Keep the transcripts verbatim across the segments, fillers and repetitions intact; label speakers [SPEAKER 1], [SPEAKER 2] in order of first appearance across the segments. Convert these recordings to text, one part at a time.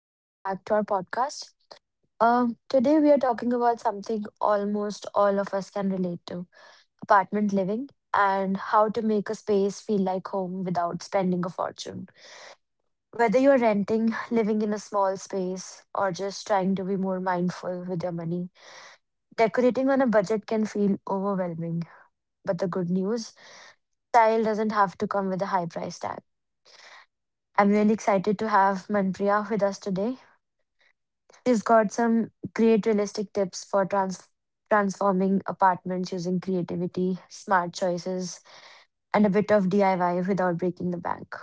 [SPEAKER 1] Welcome back to our podcast. Um, today, we are talking about something almost all of us can relate to: apartment living and how to make a space feel like home without spending a fortune. Whether you're renting, living in a small space, or just trying to be more mindful with your money, decorating on a budget can feel overwhelming. But the good news, style doesn't have to come with a high price tag. I'm really excited to have Manpriya with us today. You've got some great realistic tips for trans- transforming apartments using creativity, smart choices, and a bit of D I Y without breaking the bank.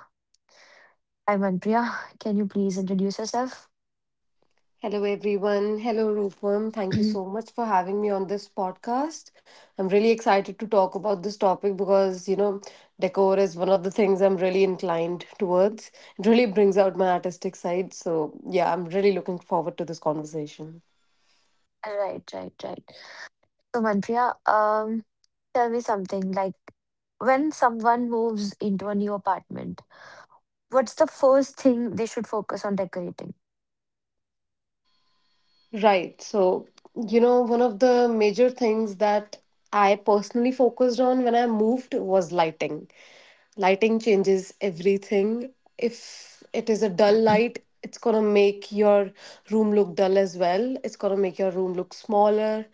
[SPEAKER 1] I'm Manpriya. Can you please introduce yourself?
[SPEAKER 2] Hello, everyone. Hello, Rupam. Thank you so much for having me on this podcast. I'm really excited to talk about this topic because, you know, decor is one of the things I'm really inclined towards. It really brings out my artistic side. So, yeah, I'm really looking forward to this conversation.
[SPEAKER 1] Right, right, right. So, Manpriya, um, tell me something like, when someone moves into a new apartment, what's the first thing they should focus on decorating?
[SPEAKER 2] Right. So, you know, one of the major things that I personally focused on when I moved was lighting. Lighting changes everything. If it is a dull light, it's going to make your room look dull as well. It's going to make your room look smaller.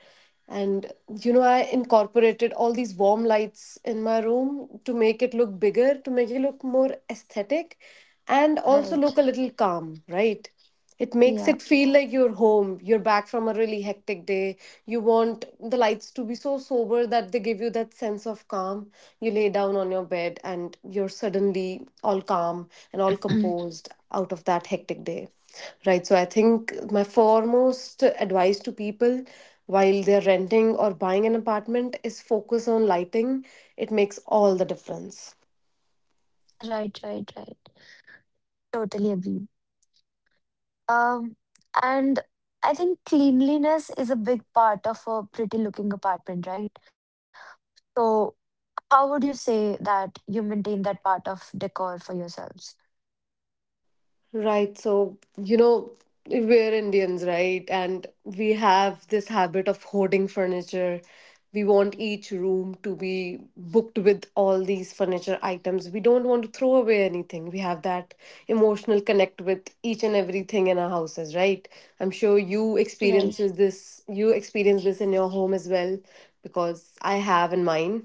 [SPEAKER 2] And, you know, I incorporated all these warm lights in my room to make it look bigger, to make it look more aesthetic, and also
[SPEAKER 1] Right.
[SPEAKER 2] look a little calm, right? It makes
[SPEAKER 1] Yeah.
[SPEAKER 2] it feel like you're home. You're back from a really hectic day. You want the lights to be so sober that they give you that sense of calm. You lay down on your bed and you're suddenly all calm and all
[SPEAKER 1] Right,
[SPEAKER 2] composed out of that hectic day. Right. So I think my foremost advice to people while they're renting or buying an apartment is focus on lighting. It makes all the difference.
[SPEAKER 1] right, right. Totally agree. Um, and I think cleanliness is a big part of a pretty looking apartment, right? So, how would you say that you maintain that part of decor for yourselves?
[SPEAKER 2] Right. So, you know, we're Indians, right? And we have this habit of hoarding furniture. We want each room to be booked with all these furniture items. We don't want to throw away anything. We have that emotional connect with each and everything in our houses, right? I'm sure you
[SPEAKER 1] Right,
[SPEAKER 2] experiences this, you experience this in your home as well, because I have in mine.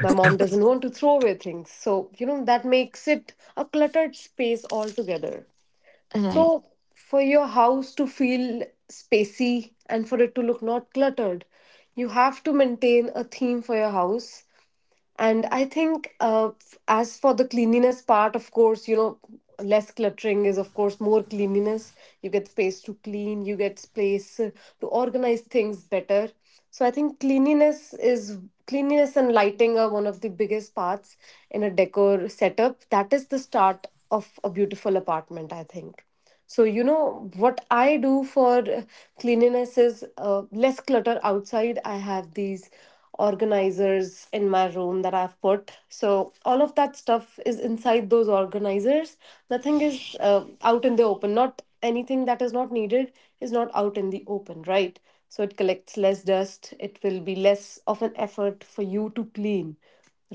[SPEAKER 2] My mom doesn't want to throw away things. So, you know, that makes it a cluttered space altogether.
[SPEAKER 1] right,
[SPEAKER 2] So, for your house to feel spacey and for it to look not cluttered, you have to maintain a theme for your house. And I think, uh, f- as for the cleanliness part, of course, you know, less cluttering is, of course, more cleanliness. You get space to clean, you get space uh, to organize things better. So I think cleanliness is cleanliness and lighting are one of the biggest parts in a decor setup. That is the start of a beautiful apartment, I think. So, you know, what I do for uh, cleanliness is uh, less clutter outside. I have these organizers in my room that I've put. So, all of that stuff is inside those organizers. Nothing is uh, out in the open. Not anything that is not needed is not out in the open, right? So, it collects less dust. It will be less of an effort for you to clean,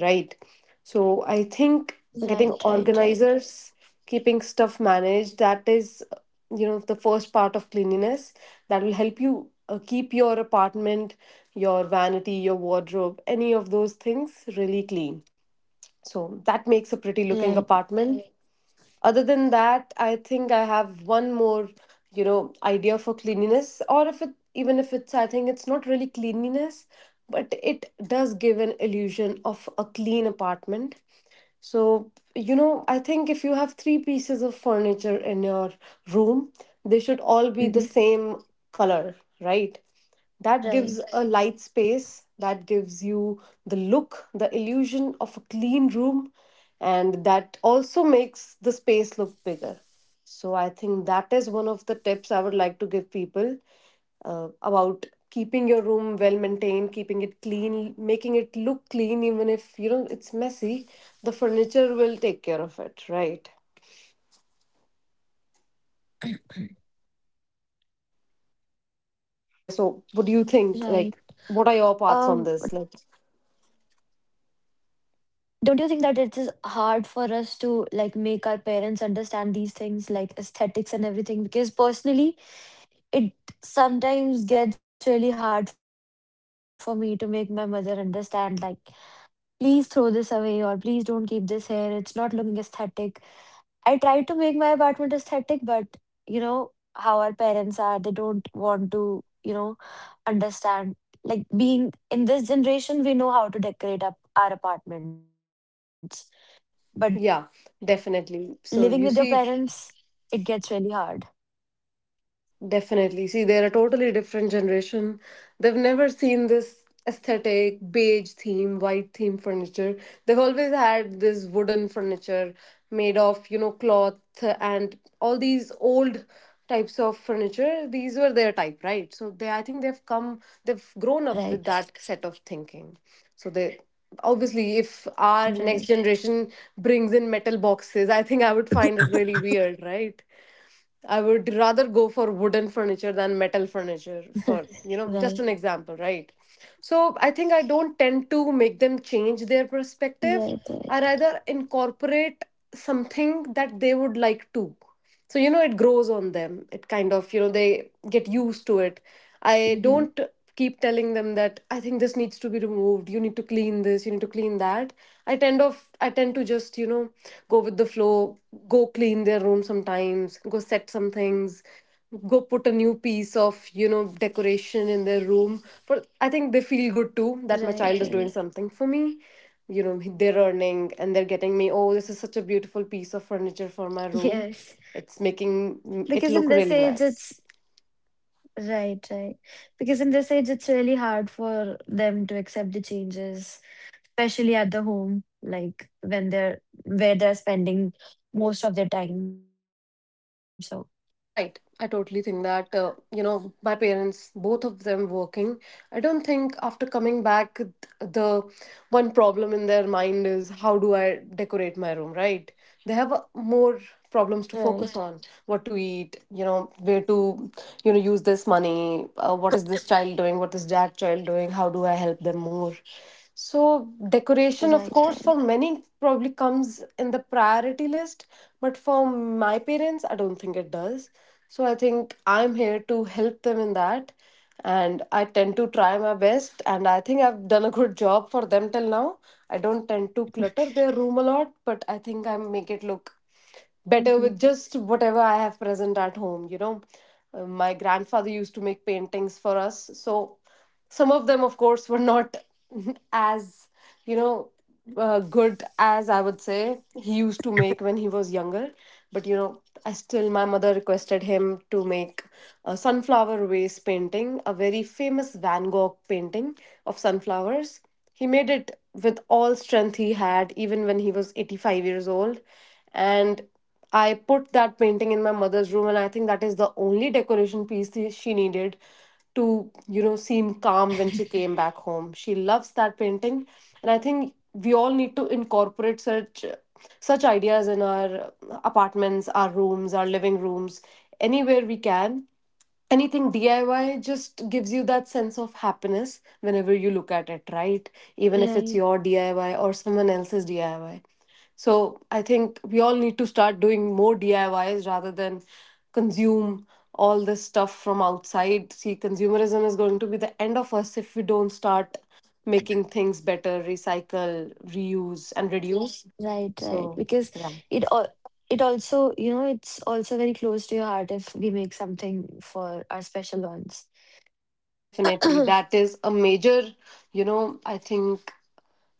[SPEAKER 2] right? So, I
[SPEAKER 1] right,
[SPEAKER 2] think
[SPEAKER 1] right,
[SPEAKER 2] getting
[SPEAKER 1] right,
[SPEAKER 2] organizers, keeping stuff managed that is uh, you know the first part of cleanliness that will help you uh, keep your apartment, your vanity, your wardrobe, any of those things really clean. So that makes a
[SPEAKER 1] right.
[SPEAKER 2] pretty looking apartment. Other than that, I think I have one more, you know idea for cleanliness, or if it, even if it's I think it's not really cleanliness, but it does give an illusion of a clean apartment. So, you know, I think if you have three pieces of furniture in your room, they should all
[SPEAKER 1] Mm-hmm.
[SPEAKER 2] be the same color, right? That
[SPEAKER 1] Right,
[SPEAKER 2] gives a light space, that gives you the look, the illusion of a clean room, and that also makes the space look bigger. So, I think that is one of the tips I would like to give people, uh, about keeping your room well maintained, keeping it clean, making it look clean even if you know it's messy. The furniture will take care of it, right?
[SPEAKER 1] right. Um, Manpriya, don't you think that it's hard
[SPEAKER 2] Yeah,
[SPEAKER 1] for
[SPEAKER 2] so what do you think, like, what are your thoughts on this, like,
[SPEAKER 1] don't you think that it is hard for us to like make our parents understand these things like aesthetics and everything? Because personally, it sometimes gets really hard for me to make my mother understand, like, please throw this away or please don't keep this here, it's not looking aesthetic. I try to make my apartment aesthetic, but you know how our parents are, they don't want to, you know, understand. Like, being in this generation, we know how to decorate up our apartments, but living with
[SPEAKER 2] yeah,
[SPEAKER 1] your parents,
[SPEAKER 2] definitely.
[SPEAKER 1] it
[SPEAKER 2] So
[SPEAKER 1] gets
[SPEAKER 2] you
[SPEAKER 1] really
[SPEAKER 2] see,
[SPEAKER 1] hard.
[SPEAKER 2] definitely. See, they're a totally different generation. They've never seen this aesthetic, beige theme, white theme furniture. They've always had this wooden furniture made of, you know, cloth and all these old types of furniture. These were their type, right? So they, I think they've come, they've grown up with
[SPEAKER 1] Right,
[SPEAKER 2] that set of thinking. So they, obviously, if our
[SPEAKER 1] right,
[SPEAKER 2] next generation brings in metal boxes, I think I would find it really weird, right? I would rather go for wooden
[SPEAKER 1] right,
[SPEAKER 2] furniture than metal furniture for, you know, just an example, right? So I think I don't tend to
[SPEAKER 1] right,
[SPEAKER 2] make them
[SPEAKER 1] right.
[SPEAKER 2] change their perspective. I rather incorporate something that they would like to. So, you know, it grows on them. It kind of, you know, they get used to
[SPEAKER 1] Mm-hmm.
[SPEAKER 2] it. I don't keep telling them that I think this needs to be removed. You need to clean this. You need to clean that. I tend of I tend to just, you know go with the flow. Go clean their room sometimes. Go set some things. Go put a new piece of you know decoration in their room. But I think they feel good too that
[SPEAKER 1] Right,
[SPEAKER 2] my
[SPEAKER 1] right.
[SPEAKER 2] child is doing something for me. You know they're earning and they're getting me. Oh, this is such a beautiful piece of furniture for my room.
[SPEAKER 1] Yes.
[SPEAKER 2] It's making it
[SPEAKER 1] because in
[SPEAKER 2] look
[SPEAKER 1] this
[SPEAKER 2] really
[SPEAKER 1] age
[SPEAKER 2] nice.
[SPEAKER 1] it's Right, right. Because in this age it's really hard for them to accept the changes, especially at the home, like when they're where they're spending most of their time. So
[SPEAKER 2] Right. I totally think that, uh, you know, my parents, both of them working, I don't think after coming back, th- the one problem in their mind is how do I decorate my room, right? They have uh, more
[SPEAKER 1] right,
[SPEAKER 2] problems to focus on what to eat, you know, where to, you know, use this money, uh, what is this child doing, what is that child doing, how do I help them more? So, decoration,
[SPEAKER 1] right,
[SPEAKER 2] of
[SPEAKER 1] right.
[SPEAKER 2] course, for many probably comes in the priority list, but for my parents, I don't think it does. So, I think I'm here to help them in that. And I tend to try my best, and I think I've done a good job for them till now. I don't tend to clutter their room a lot, but I think I make it look
[SPEAKER 1] Hmm.
[SPEAKER 2] better with just whatever I have present at home. You know, Uh, my grandfather used to make paintings for us. So some of them, of course, were not as, you know, uh, good as I would say he used to make when he was younger. But, you know, I still, my mother requested him to make a sunflower vase painting, a very famous Van Gogh painting of sunflowers. He made it with all strength he had, even when he was eighty-five years old, and I put that painting in my mother's room, and I think that is the only decoration piece the- she needed to, you know, seem calm when she came back home. She loves that painting, and I think we all need to incorporate such such ideas in our apartments, our rooms, our living rooms, anywhere we can. Anything D I Y just gives you that sense of happiness whenever you look at it, right?
[SPEAKER 1] Right,
[SPEAKER 2] Even if it's your D I Y or someone else's D I Y. So I think we all need to start doing more D I Ys rather than consume all this stuff from outside. See, consumerism is going to be the end of us if we don't start making things better, recycle, reuse, and reduce.
[SPEAKER 1] right, right.
[SPEAKER 2] So,
[SPEAKER 1] Because
[SPEAKER 2] yeah,
[SPEAKER 1] it all it also, you know, it's also very close to your heart if we make something for our special ones.
[SPEAKER 2] definitely. That is a major, you know, I think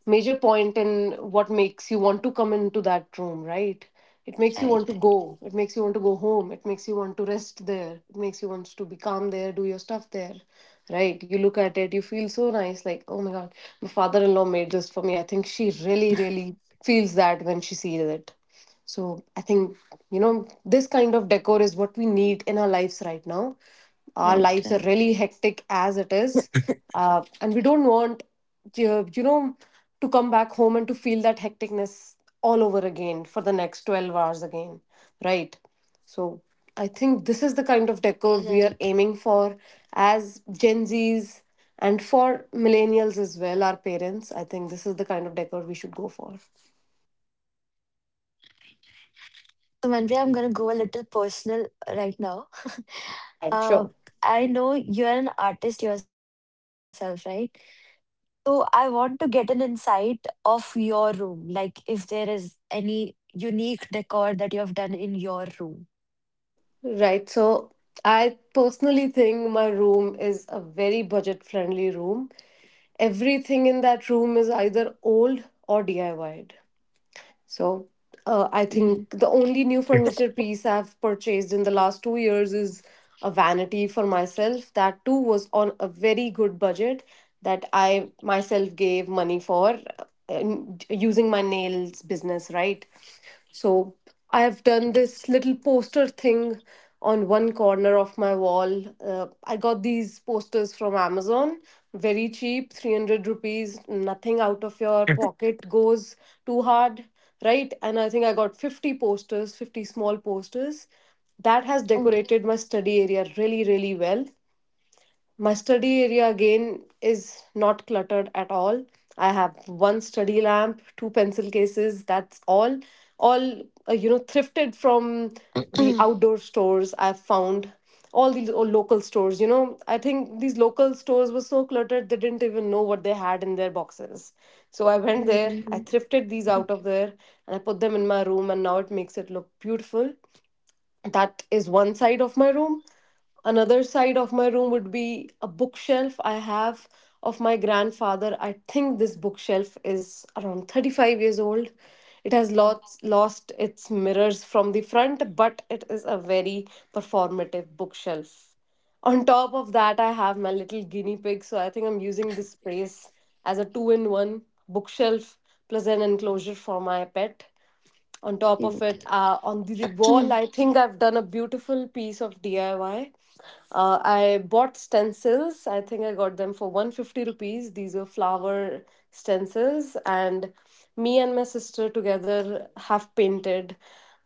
[SPEAKER 2] major point in what makes you want to come into that room, right? It makes you want to go. It makes you
[SPEAKER 1] Right,
[SPEAKER 2] want to go home. It makes you want to rest there. It makes you want to be calm there, do your stuff there, right? You look at it, you feel so nice, like, oh my God, my father in law made this for me. I think she really, really feels that when she sees it. So I think, you know, this kind of decor is what we need in our lives right now. Our lives are really hectic
[SPEAKER 1] right, right,
[SPEAKER 2] as it is. Uh, and we don't want, uh, you know, to come back home and to feel that hecticness all over again for the next twelve hours again, right? So I think this is the kind of
[SPEAKER 1] right.
[SPEAKER 2] decor we are aiming for as Gen Zs and for millennials as well, our parents. I think this is the kind of decor we should go for.
[SPEAKER 1] So, Manvi, I'm gonna go a little personal right now.
[SPEAKER 2] Right, sure.
[SPEAKER 1] Uh, I know you're an artist yourself, right? So I want to get an insight of your room, like if there is any unique decor that you have done in your room.
[SPEAKER 2] Right. So I personally think my room is a very budget friendly room. Everything in that room is either old or DIYed. So, uh, I think the
[SPEAKER 1] Mm-hmm.
[SPEAKER 2] only new furniture piece I've purchased in the last two years is a vanity for myself. That too was on a very good budget that I myself gave money for, uh, and using my nails business, right? So I have done this little poster thing on one corner of my wall. Uh, I got these posters from Amazon, very cheap, three hundred rupees, nothing out of your pocket goes too hard, right? And I think I got fifty posters, fifty small posters. That has decorated my
[SPEAKER 1] Oh.
[SPEAKER 2] study area really, really well. My study area again is not cluttered at all. I have one study lamp, two pencil cases, that's all. All, uh, you know, thrifted from the outdoor stores I've found. All these o- local stores, you know, I think these local stores were so cluttered they didn't even know what they had in their boxes. So I went there, I thrifted these out of
[SPEAKER 1] Mm-hmm.
[SPEAKER 2] there, and I put them in my room, and now it makes it look beautiful. That is one side of my room. Another side of my room would be a bookshelf I have of my grandfather. I think this bookshelf is around thirty-five years old. It has lots, lost its
[SPEAKER 1] Oh,
[SPEAKER 2] mirrors from the front, but it is a very performative bookshelf. On top of that, I have my little guinea pig, so I think I'm using this space as a two in one bookshelf plus an enclosure for my pet on top of it. Uh, on the wall,
[SPEAKER 1] cute.
[SPEAKER 2] I think I've done a
[SPEAKER 1] Mm.
[SPEAKER 2] beautiful piece of DIY. uh, I bought stencils. I think I got them for one hundred fifty rupees. These are flower stencils, and me and my sister together have painted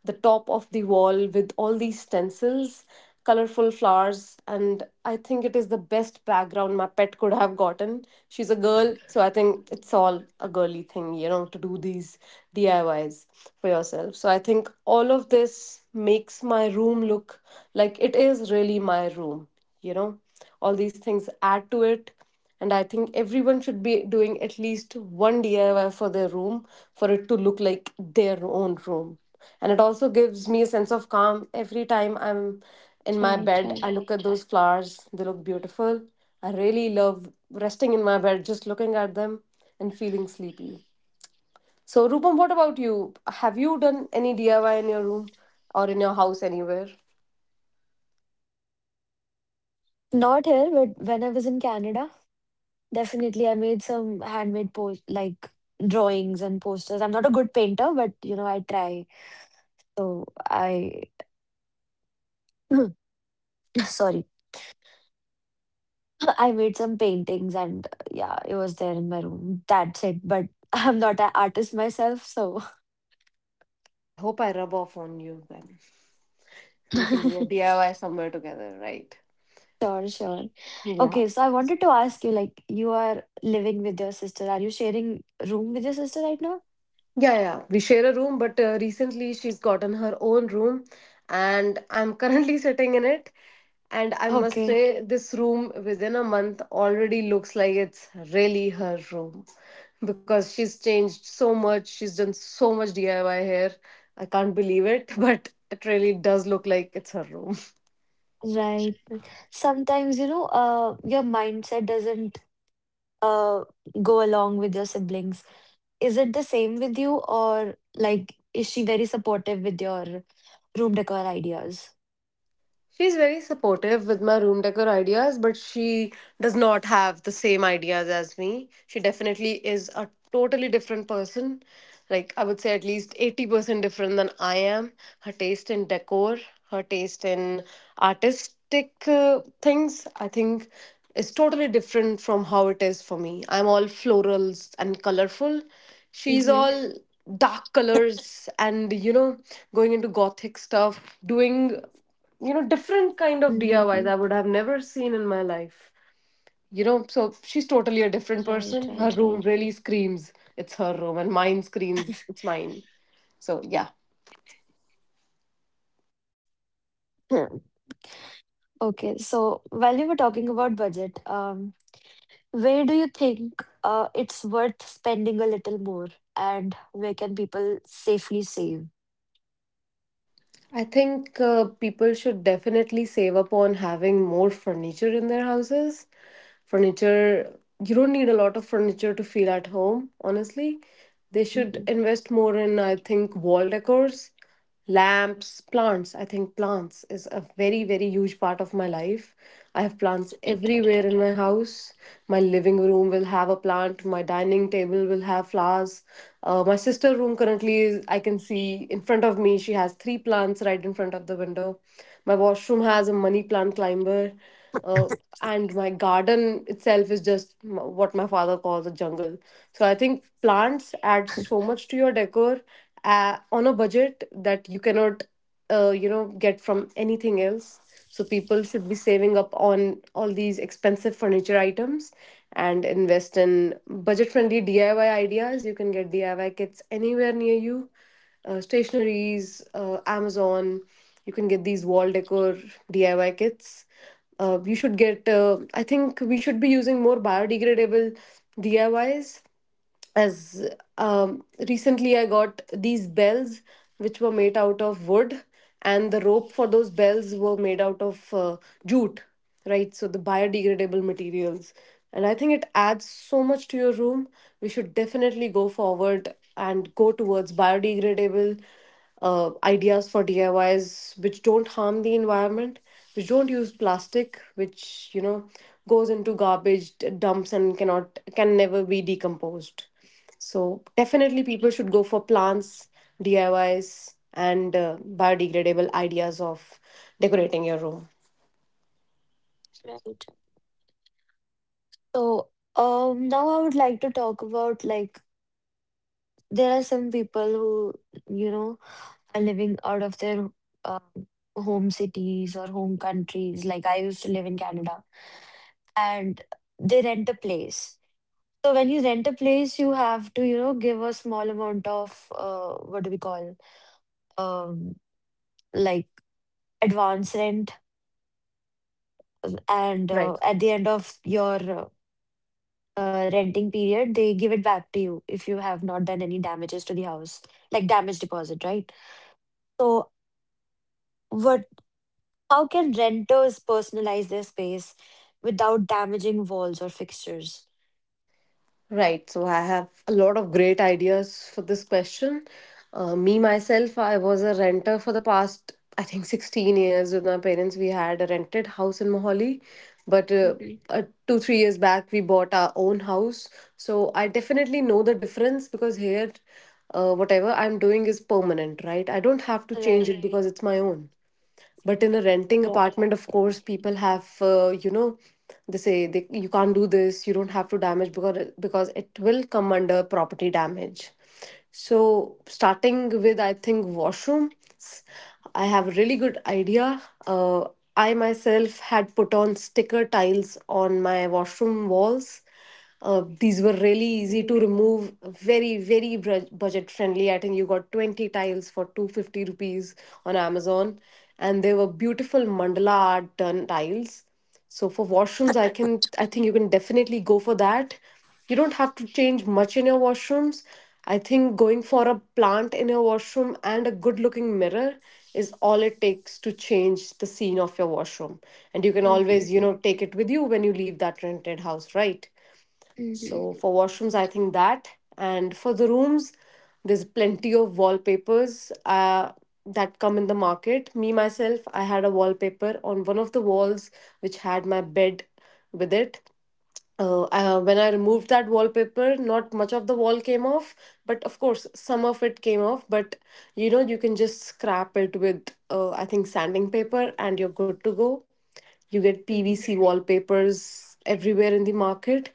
[SPEAKER 2] the top of the wall with all these stencils, colorful flowers. And I think it is the best background my pet could have gotten. She's a girl, so I think it's all a girly thing, you know, to do these D I Ys for yourself. So I think all of this makes my room look like it is really my room, you know. All these things add to it, and I think everyone should be doing at least one D I Y for their room for it to look like their own room. And it also gives me a sense of calm
[SPEAKER 1] Right,
[SPEAKER 2] every
[SPEAKER 1] right.
[SPEAKER 2] time I'm in my bed. I look at those flowers, they look beautiful. I really love resting in my bed, just looking at them and feeling sleepy. So, Rupam, what about you? Have you done any D I Y in your room or in your house anywhere?
[SPEAKER 1] Not here, but when I was in Canada, definitely I made some handmade post like drawings and posters. I'm not a good painter, but you know, I try. So I sorry. I made some paintings and uh, yeah, it was there in my room. That's it. But I'm not an artist myself, so
[SPEAKER 2] I hope I rub off on you then. We can do a D I Y somewhere together, right?
[SPEAKER 1] sure, sure.
[SPEAKER 2] Yeah.
[SPEAKER 1] Okay, so I wanted to ask you, like, you are living with your sister. Are you sharing room with your sister right now?
[SPEAKER 2] Yeah, yeah. We share a room, but uh, recently she's gotten her own room, and I'm currently sitting in it. And I must
[SPEAKER 1] Okay,
[SPEAKER 2] say, this room within a month already looks like it's really her room because she's changed so much. She's done so much D I Y here. I can't believe it, but it really does look like it's her room.
[SPEAKER 1] right. Sometimes, you know, uh, your mindset doesn't uh go along with your siblings. Is it the same with you, or like, is she very supportive with your room decor ideas?
[SPEAKER 2] She's very supportive with my room decor ideas, but she does not have the same ideas as me. She definitely is a totally different person. Like, I would say at least eighty percent different than I am. Her taste in decor, her taste in artistic uh, things, I think, is totally different from how it is for me. I'm all florals and colorful. She's all dark colors and, you know, going into gothic stuff, doing,
[SPEAKER 1] Mm-hmm.
[SPEAKER 2] you know, different kind of D I Ys I Ys I would have never seen in my life. You know, so
[SPEAKER 1] Right,
[SPEAKER 2] she's totally
[SPEAKER 1] right,
[SPEAKER 2] a
[SPEAKER 1] right.
[SPEAKER 2] different person. Her room really screams, it's her room, and mine screams, it's mine. So yeah,
[SPEAKER 1] Hmm. Okay, so while we were talking about budget, um, where do you think uh, it's worth spending a little more, and where can people safely save?
[SPEAKER 2] I think uh, people should definitely save up on having more furniture in their houses. Furniture, you don't need a lot of furniture to feel at home, honestly.
[SPEAKER 1] Mhm.
[SPEAKER 2] They should invest more in, I think, wall decors, lamps, plants. I think plants is a very, very huge part of my life. I have
[SPEAKER 1] Right,
[SPEAKER 2] plants
[SPEAKER 1] right,
[SPEAKER 2] everywhere in my house. My living room will have a plant. My dining table will have flowers. Uh, my sister room currently is I can see in front of me. She has three plants right in front of the window. My washroom has a money plant climber. Uh, and my garden itself is just m- what my father calls a jungle. So I think plants add so much to your decor uh, on a budget that you cannot uh, you know, get from anything else. So people should be saving up on all these expensive furniture items and invest in budget friendly DIY ideas. You can get DIY kits anywhere near you. Uh, stationaries, uh, Amazon. You can get these wall decor DIY kits. Uh, you should get, uh, I think, we should be using more biodegradable DIYs as. Um, recently I got these bells which were made out of wood, and the rope for those bells were made out of uh, jute, right? So the biodegradable materials. And I think it adds so much to your room. We should definitely go forward and go towards biodegradable uh, ideas for D I Ys which don't harm the environment, which don't use plastic, which, you know, goes into garbage d- dumps and cannot can never be decomposed. So definitely, people should go for plants, D I Ys, and uh, biodegradable ideas of decorating your room.
[SPEAKER 1] right, right. So, um, now I would like to talk about, like, there are some people who, you know, are living out of their um home cities or home countries. Like I used to live in Canada, and they rent a place. So when you rent a place, you have to, you know, give a small amount of uh, what do we call, um like, advance rent, and uh,
[SPEAKER 2] Right.
[SPEAKER 1] at the end of your uh, uh, renting period, they give it back to you if you have not done any damages to the house, like damage deposit, right? So, what? How can renters personalize their space without damaging walls or fixtures?
[SPEAKER 2] Right. So I have a lot of great ideas for this question. Uh, me, myself, I was a renter for the past, I think, sixteen years with my parents. We had a rented house in Mohali, but uh,
[SPEAKER 1] Mm-hmm.
[SPEAKER 2] uh, two, three years back, we bought our own house. So I definitely know the difference because here, uh, whatever I'm doing is permanent, right? I don't have to change it
[SPEAKER 1] Right,
[SPEAKER 2] because it's my own, but in a
[SPEAKER 1] right.
[SPEAKER 2] renting apartment, of course, people have, uh, you know, they say they, you can't do this, you don't have to damage, because because it will come under property damage. So starting with, I think, washroom, I have a really good idea. uh, I myself had put on sticker tiles on my washroom walls. Uh, these were
[SPEAKER 1] Mm-hmm.
[SPEAKER 2] really easy to remove, very, very bru- budget friendly. I think you got twenty tiles for two hundred fifty rupees on Amazon, and they were beautiful mandala art done tiles. So for washrooms, I can, I think you can definitely go for that. You don't have to change much in your washrooms. I think going for a plant in your washroom and a good looking mirror is all it takes to change the scene of your washroom. And you can always,
[SPEAKER 1] Hmm,
[SPEAKER 2] you know, take
[SPEAKER 1] hmm,
[SPEAKER 2] it with you when you leave that rented house, right? So for
[SPEAKER 1] hmm,
[SPEAKER 2] washrooms, I think that. And for the rooms, there's plenty of wallpapers uh, that come in the market. Me, myself, I had a wallpaper on one of the walls which had my bed with it. Uh, uh, when I removed that wallpaper, not much of the wall came off, but of course, some of it came off. But, you know, you can just scrap it with, uh, I think, sanding paper, and you're good to go. You get P V C wallpapers everywhere in the market.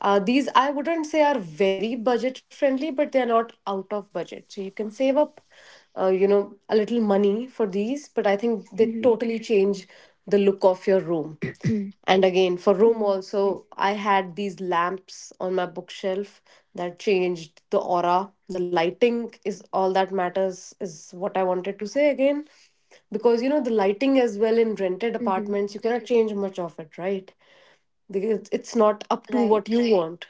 [SPEAKER 2] Uh, these I wouldn't say are very budget friendly, but they're not out of budget. So you can save up, uh, you know, a little money for these, but I think they totally
[SPEAKER 1] hmm,
[SPEAKER 2] change the look of your room. And
[SPEAKER 1] hmm,
[SPEAKER 2] again, for room
[SPEAKER 1] hmm.
[SPEAKER 2] also, I had these lamps on my bookshelf that changed the aura. The lighting is all that matters, is what I wanted to say again. Because, you know, the lighting as well in rented apartments, you cannot change much of it, right? Because
[SPEAKER 1] Right,
[SPEAKER 2] it's not up to what you, right, want.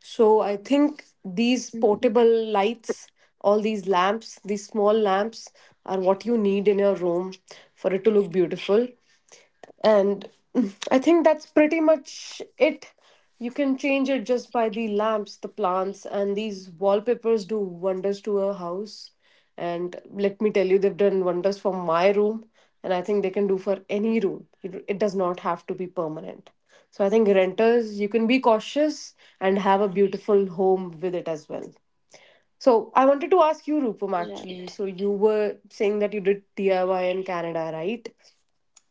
[SPEAKER 2] So I think
[SPEAKER 1] hmm,
[SPEAKER 2] these portable lights, all these lamps, these small lamps are what you need in your room for it to look beautiful. And mm, I think that's pretty much it. You can change it just by the lamps, the plants, and these wallpapers do wonders to a house. And let me tell you, they've done wonders for my room, and I think they can do for any room. It it does not have to be permanent. So I think renters, you can be cautious and have a beautiful home with it as well. So I wanted to ask you,
[SPEAKER 1] right.
[SPEAKER 2] Rupam, actually. So you were saying that you did D I Y in Canada, right?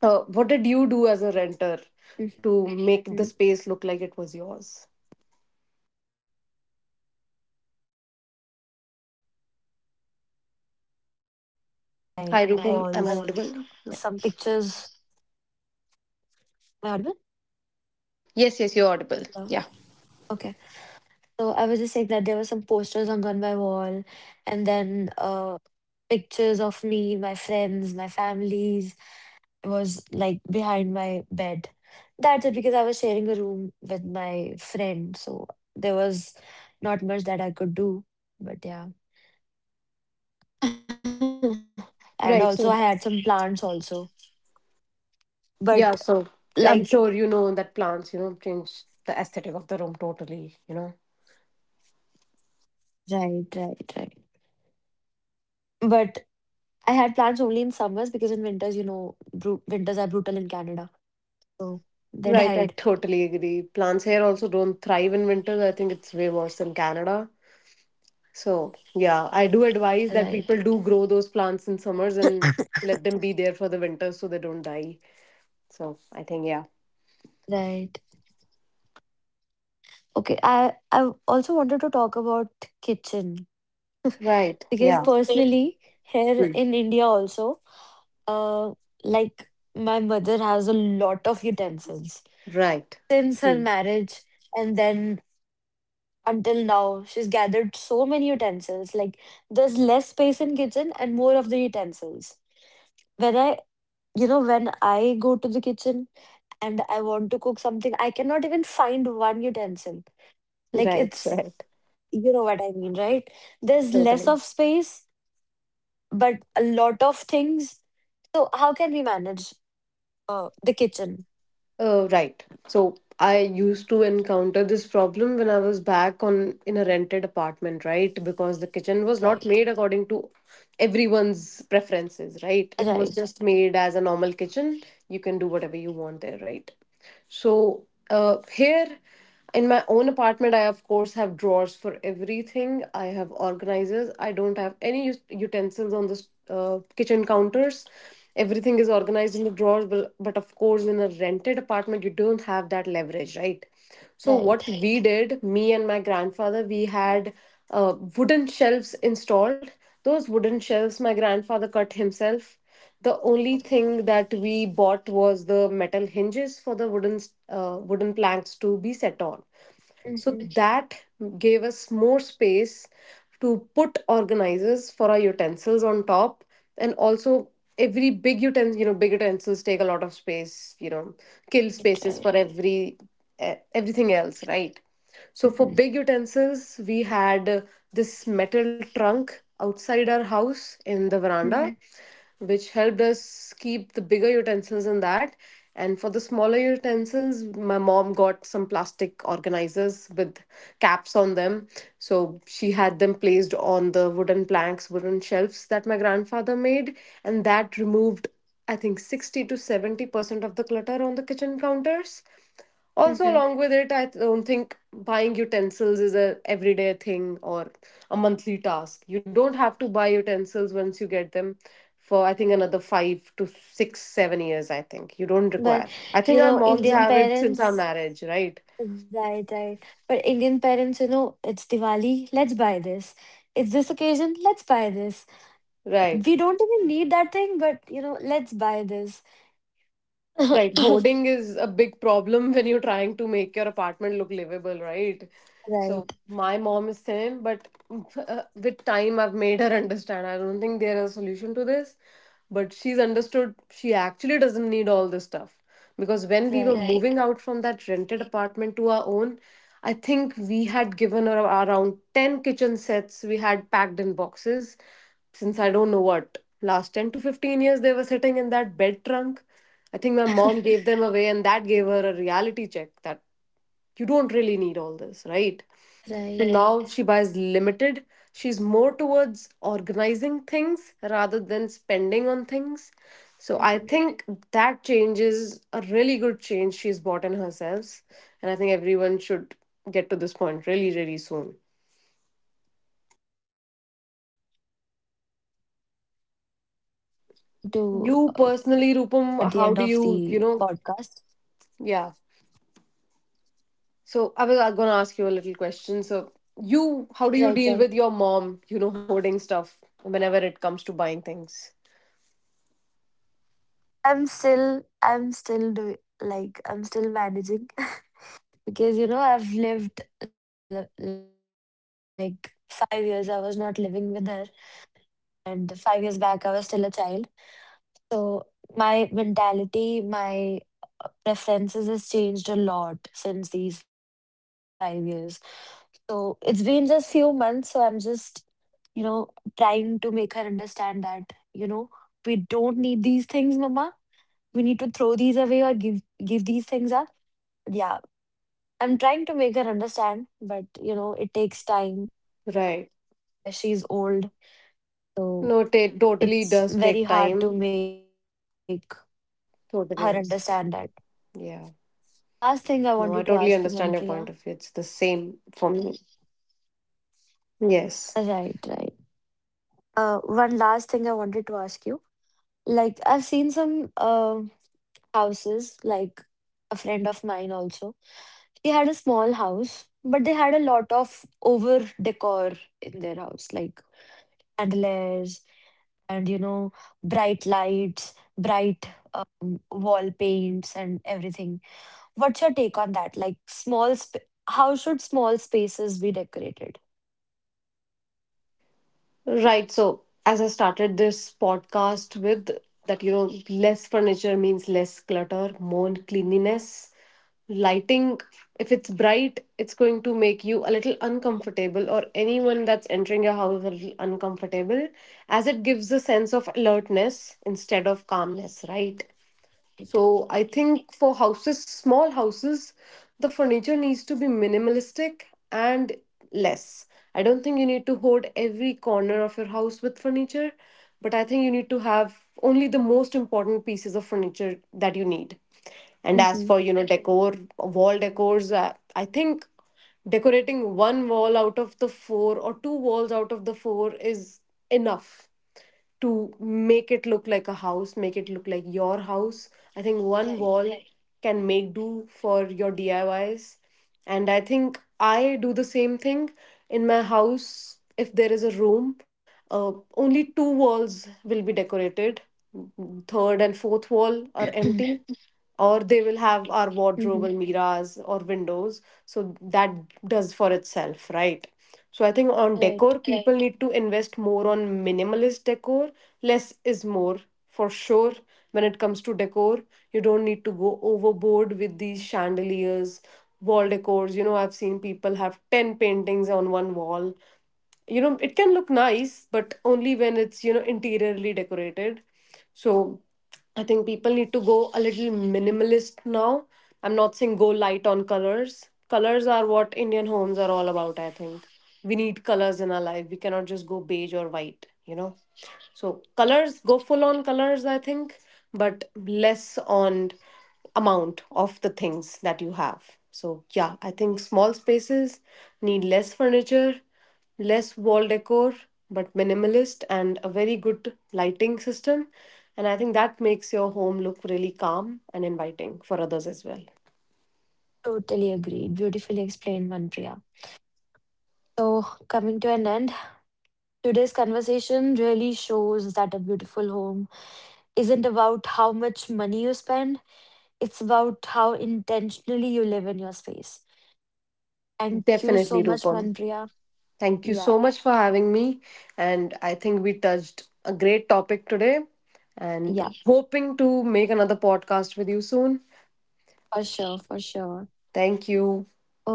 [SPEAKER 2] Uh, what did you
[SPEAKER 1] Hmm.
[SPEAKER 2] do as a renter to make the space look like it was yours?
[SPEAKER 1] Like I said, I had some posters hung on my walls,
[SPEAKER 2] Hi, Rupam.
[SPEAKER 1] some
[SPEAKER 2] Am I audible?
[SPEAKER 1] pictures.
[SPEAKER 2] Yeah.
[SPEAKER 1] Am I audible?
[SPEAKER 2] Yes, yes, you're audible. Yeah.
[SPEAKER 1] No. Okay. So I was just saying that there were some posters hung on my wall, and then uh, pictures of me, my friends, my families was like behind my bed. That's it, because I was sharing a room with my friend, so there was not much that I could do. But yeah, and
[SPEAKER 2] Right.
[SPEAKER 1] also
[SPEAKER 2] So.
[SPEAKER 1] I had some plants also.
[SPEAKER 2] Yeah,
[SPEAKER 1] But
[SPEAKER 2] so I'm sure
[SPEAKER 1] like
[SPEAKER 2] you know that plants, you know, change the aesthetic of the room totally, you know.
[SPEAKER 1] Right, right, right. But I had plants only in summers because in winters, you know, bru- winters are brutal in Canada, so they died.
[SPEAKER 2] Right, I totally agree. Plants here also don't thrive in winter. I think it's way worse than Canada. So, yeah, I do
[SPEAKER 1] Right,
[SPEAKER 2] advise that people do grow those plants in summers and let them be there for the winter so they don't die. So, I think, yeah.
[SPEAKER 1] right. Okay, I I also wanted to talk about kitchen,
[SPEAKER 2] Right,
[SPEAKER 1] because
[SPEAKER 2] yeah.
[SPEAKER 1] personally here in India also, uh, like, my mother has a lot of utensils
[SPEAKER 2] Right,
[SPEAKER 1] since her marriage, and then until now she's gathered so many utensils. Like, there's less space in kitchen and more of the utensils. When I, you know, when I go to the kitchen and I want to cook something, I cannot even find one utensil, like
[SPEAKER 2] right,
[SPEAKER 1] it's
[SPEAKER 2] right.
[SPEAKER 1] you know what I mean, right? There's less
[SPEAKER 2] Totally.
[SPEAKER 1] of space, but a lot of things. So how can we manage uh, the kitchen?
[SPEAKER 2] Uh, right. So I used to encounter this problem when I was back on in a rented apartment, right? Because the kitchen was not made
[SPEAKER 1] Right,
[SPEAKER 2] according to everyone's preferences, right? It was just made
[SPEAKER 1] right,
[SPEAKER 2] as a normal kitchen. You can do whatever you want there, right? So uh, here in my own apartment, I of course have drawers for everything. I have organizers. I don't have any ut- utensils on the s- uh, kitchen counters. Everything is organized in the drawers, but, but of course in a rented apartment you don't have that leverage, right? So what we
[SPEAKER 1] right.
[SPEAKER 2] did, me and my grandfather, we had uh, wooden shelves installed. Those wooden shelves my grandfather cut himself. The only thing that we bought was the metal hinges for the wooden uh, wooden planks to be set on, so
[SPEAKER 1] Mm-hmm.
[SPEAKER 2] that gave us more space to put organizers for our utensils on top. And also, every big utensil you know big utensils take a lot of space you know kill spaces
[SPEAKER 1] Right,
[SPEAKER 2] for
[SPEAKER 1] right.
[SPEAKER 2] every e- everything else, right? So for big
[SPEAKER 1] Mm-hmm.
[SPEAKER 2] utensils, we had uh, this metal trunk outside our house in the veranda,
[SPEAKER 1] Mm-hmm.
[SPEAKER 2] which helped us keep the bigger utensils in that. And for the smaller utensils, my mom got some plastic organizers with caps on them. So she had them placed on the wooden planks, wooden shelves that my grandfather made, and that removed, I think, sixty to seventy percent of the clutter on the kitchen counters.
[SPEAKER 1] Mm-hmm.
[SPEAKER 2] Also, along with it, I don't think buying utensils is a everyday thing or a monthly task. You don't have to buy utensils once you get them for, I think, another five to six, seven years. I think you don't
[SPEAKER 1] But
[SPEAKER 2] require. I think
[SPEAKER 1] you
[SPEAKER 2] our
[SPEAKER 1] know,
[SPEAKER 2] moms
[SPEAKER 1] Indian
[SPEAKER 2] have it since our
[SPEAKER 1] parents,
[SPEAKER 2] marriage, right?
[SPEAKER 1] right, right. But Indian parents, you know, it's Diwali. Let's buy this. It's this occasion. Let's buy this.
[SPEAKER 2] Right.
[SPEAKER 1] We don't even need that thing, but you know, let's buy this.
[SPEAKER 2] Right. Hoarding is a big problem when you're trying to make your apartment look livable, right? So
[SPEAKER 1] Right,
[SPEAKER 2] my mom is same, but uh, with time I've made her understand. I don't think there is a solution to this, but she's understood she actually doesn't need all this stuff. Because when we were Right.
[SPEAKER 1] right,
[SPEAKER 2] moving out from that rented apartment to our own, I think we had given her around ten kitchen sets we had packed in boxes. Since I don't know what, last ten to fifteen years they were sitting in that bed trunk. I think my mom gave them away and that gave her a reality check that you don't really need all this, right? So
[SPEAKER 1] right.
[SPEAKER 2] now she buys limited. She's more towards organizing things rather than spending on things. So I think
[SPEAKER 1] Mm-hmm.
[SPEAKER 2] that change is a really good change she's bought in herself, and I think everyone should get to this point really, really soon.
[SPEAKER 1] Mhm. Right, right. So yeah, we're coming to uh, at the
[SPEAKER 2] You
[SPEAKER 1] end of
[SPEAKER 2] personally,
[SPEAKER 1] the
[SPEAKER 2] Rupam, how do
[SPEAKER 1] podcast.
[SPEAKER 2] you you know yeah, so I was going to ask you a little question. So you,
[SPEAKER 1] Right,
[SPEAKER 2] how do
[SPEAKER 1] right.
[SPEAKER 2] you deal with your mom, you know, hoarding stuff whenever it comes to buying things?
[SPEAKER 1] I'm still, I'm still doing, like, I'm still managing because you know I've lived li- like five years. I was not living with her, and five years back I was still a child. So my mentality, my uh, preferences has changed a lot since these five years. So it's been just few months. So I'm just, you know, trying to make her understand that, you know, we don't need these things, mama. We need to throw these away or give give these things up. Yeah. I'm trying to make her understand, but you know, it takes time as
[SPEAKER 2] Right?
[SPEAKER 1] she's old. So it's
[SPEAKER 2] No,
[SPEAKER 1] very
[SPEAKER 2] it
[SPEAKER 1] hard to
[SPEAKER 2] totally
[SPEAKER 1] make
[SPEAKER 2] does take time.
[SPEAKER 1] her understand that.
[SPEAKER 2] Totally. Is.
[SPEAKER 1] Yeah.
[SPEAKER 2] Yeah. No, I totally
[SPEAKER 1] The
[SPEAKER 2] understand your
[SPEAKER 1] last
[SPEAKER 2] point
[SPEAKER 1] thing I
[SPEAKER 2] of view.
[SPEAKER 1] wanted
[SPEAKER 2] It's
[SPEAKER 1] to
[SPEAKER 2] the
[SPEAKER 1] ask you,
[SPEAKER 2] same
[SPEAKER 1] Manpriya.
[SPEAKER 2] for me. Yes.
[SPEAKER 1] Right, right. Uh, one last thing I wanted to ask you. Like, I've seen some uh, houses, like a friend of mine also. They had a small house, but they had a lot of over decor in their house, like chandeliers and, you know, bright lights, bright um, wall paints, and everything. What's your take on that? Like, small, sp- how should small spaces be decorated?
[SPEAKER 2] Right. So, as I started this podcast with, that, you know, less furniture means less clutter, more cleanliness. Lighting, if it's bright, it's going to make you a little uncomfortable, or anyone that's entering your house a little uncomfortable, as it gives a sense of alertness instead of calmness, right?
[SPEAKER 1] Right.
[SPEAKER 2] So I think for houses, small houses, the furniture needs to be minimalistic and less. I don't think you need to hoard every corner of your house with furniture, but I think you need to have only the most important pieces of furniture that you need. And as for,
[SPEAKER 1] Mm-hmm.
[SPEAKER 2] you know, decor, wall decors, uh, I think decorating one wall out of the four or two walls out of the four is enough to make it look like a house, make it look like your house. I think one
[SPEAKER 1] Right.
[SPEAKER 2] wall Right. can make do for your D I Ys. And I think I do the same thing in my house. If there is a room, uh, only two walls will be decorated. Third and fourth wall are empty, or they will
[SPEAKER 1] Mm-hmm.
[SPEAKER 2] have our wardrobe, mirrors, or windows. So that does for itself, right? So I think on
[SPEAKER 1] Right.
[SPEAKER 2] decor, Right. people need to invest more on minimalist decor. Less is more, for sure, when it comes to decor. You don't need to go overboard with these chandeliers, wall decors. You know, I've seen people have ten paintings on one wall. You know, it can look nice, but only when it's, you know, interiorly decorated. So I think people need to go a little minimalist now. I'm not saying go light on colors. Colors are what Indian homes are all about, I think. We need colors in our life. We cannot just go beige or white, you know? So colors, go full on colors, I think, but less on amount of the things that you have. So yeah, I think small spaces need less furniture, less wall decor, but minimalist and a very good lighting system. And I think that makes your home look really calm and inviting for others as well.
[SPEAKER 1] Totally agreed. Beautifully explained, Manpriya. So, coming to an end, today's conversation really shows that a beautiful home isn't about how much money you spend, it's about how intentionally you live in your space. Thank you so
[SPEAKER 2] Definitely,
[SPEAKER 1] much,
[SPEAKER 2] Rupam.
[SPEAKER 1] Manpriya.
[SPEAKER 2] Thank you so
[SPEAKER 1] Yeah,
[SPEAKER 2] much for having me. And I think we touched a great topic today and
[SPEAKER 1] yeah,
[SPEAKER 2] hoping to make another podcast with you soon.
[SPEAKER 1] for sure, for sure.
[SPEAKER 2] Thank you.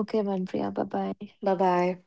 [SPEAKER 1] Okay, Manpriya, bye bye.
[SPEAKER 2] Bye bye.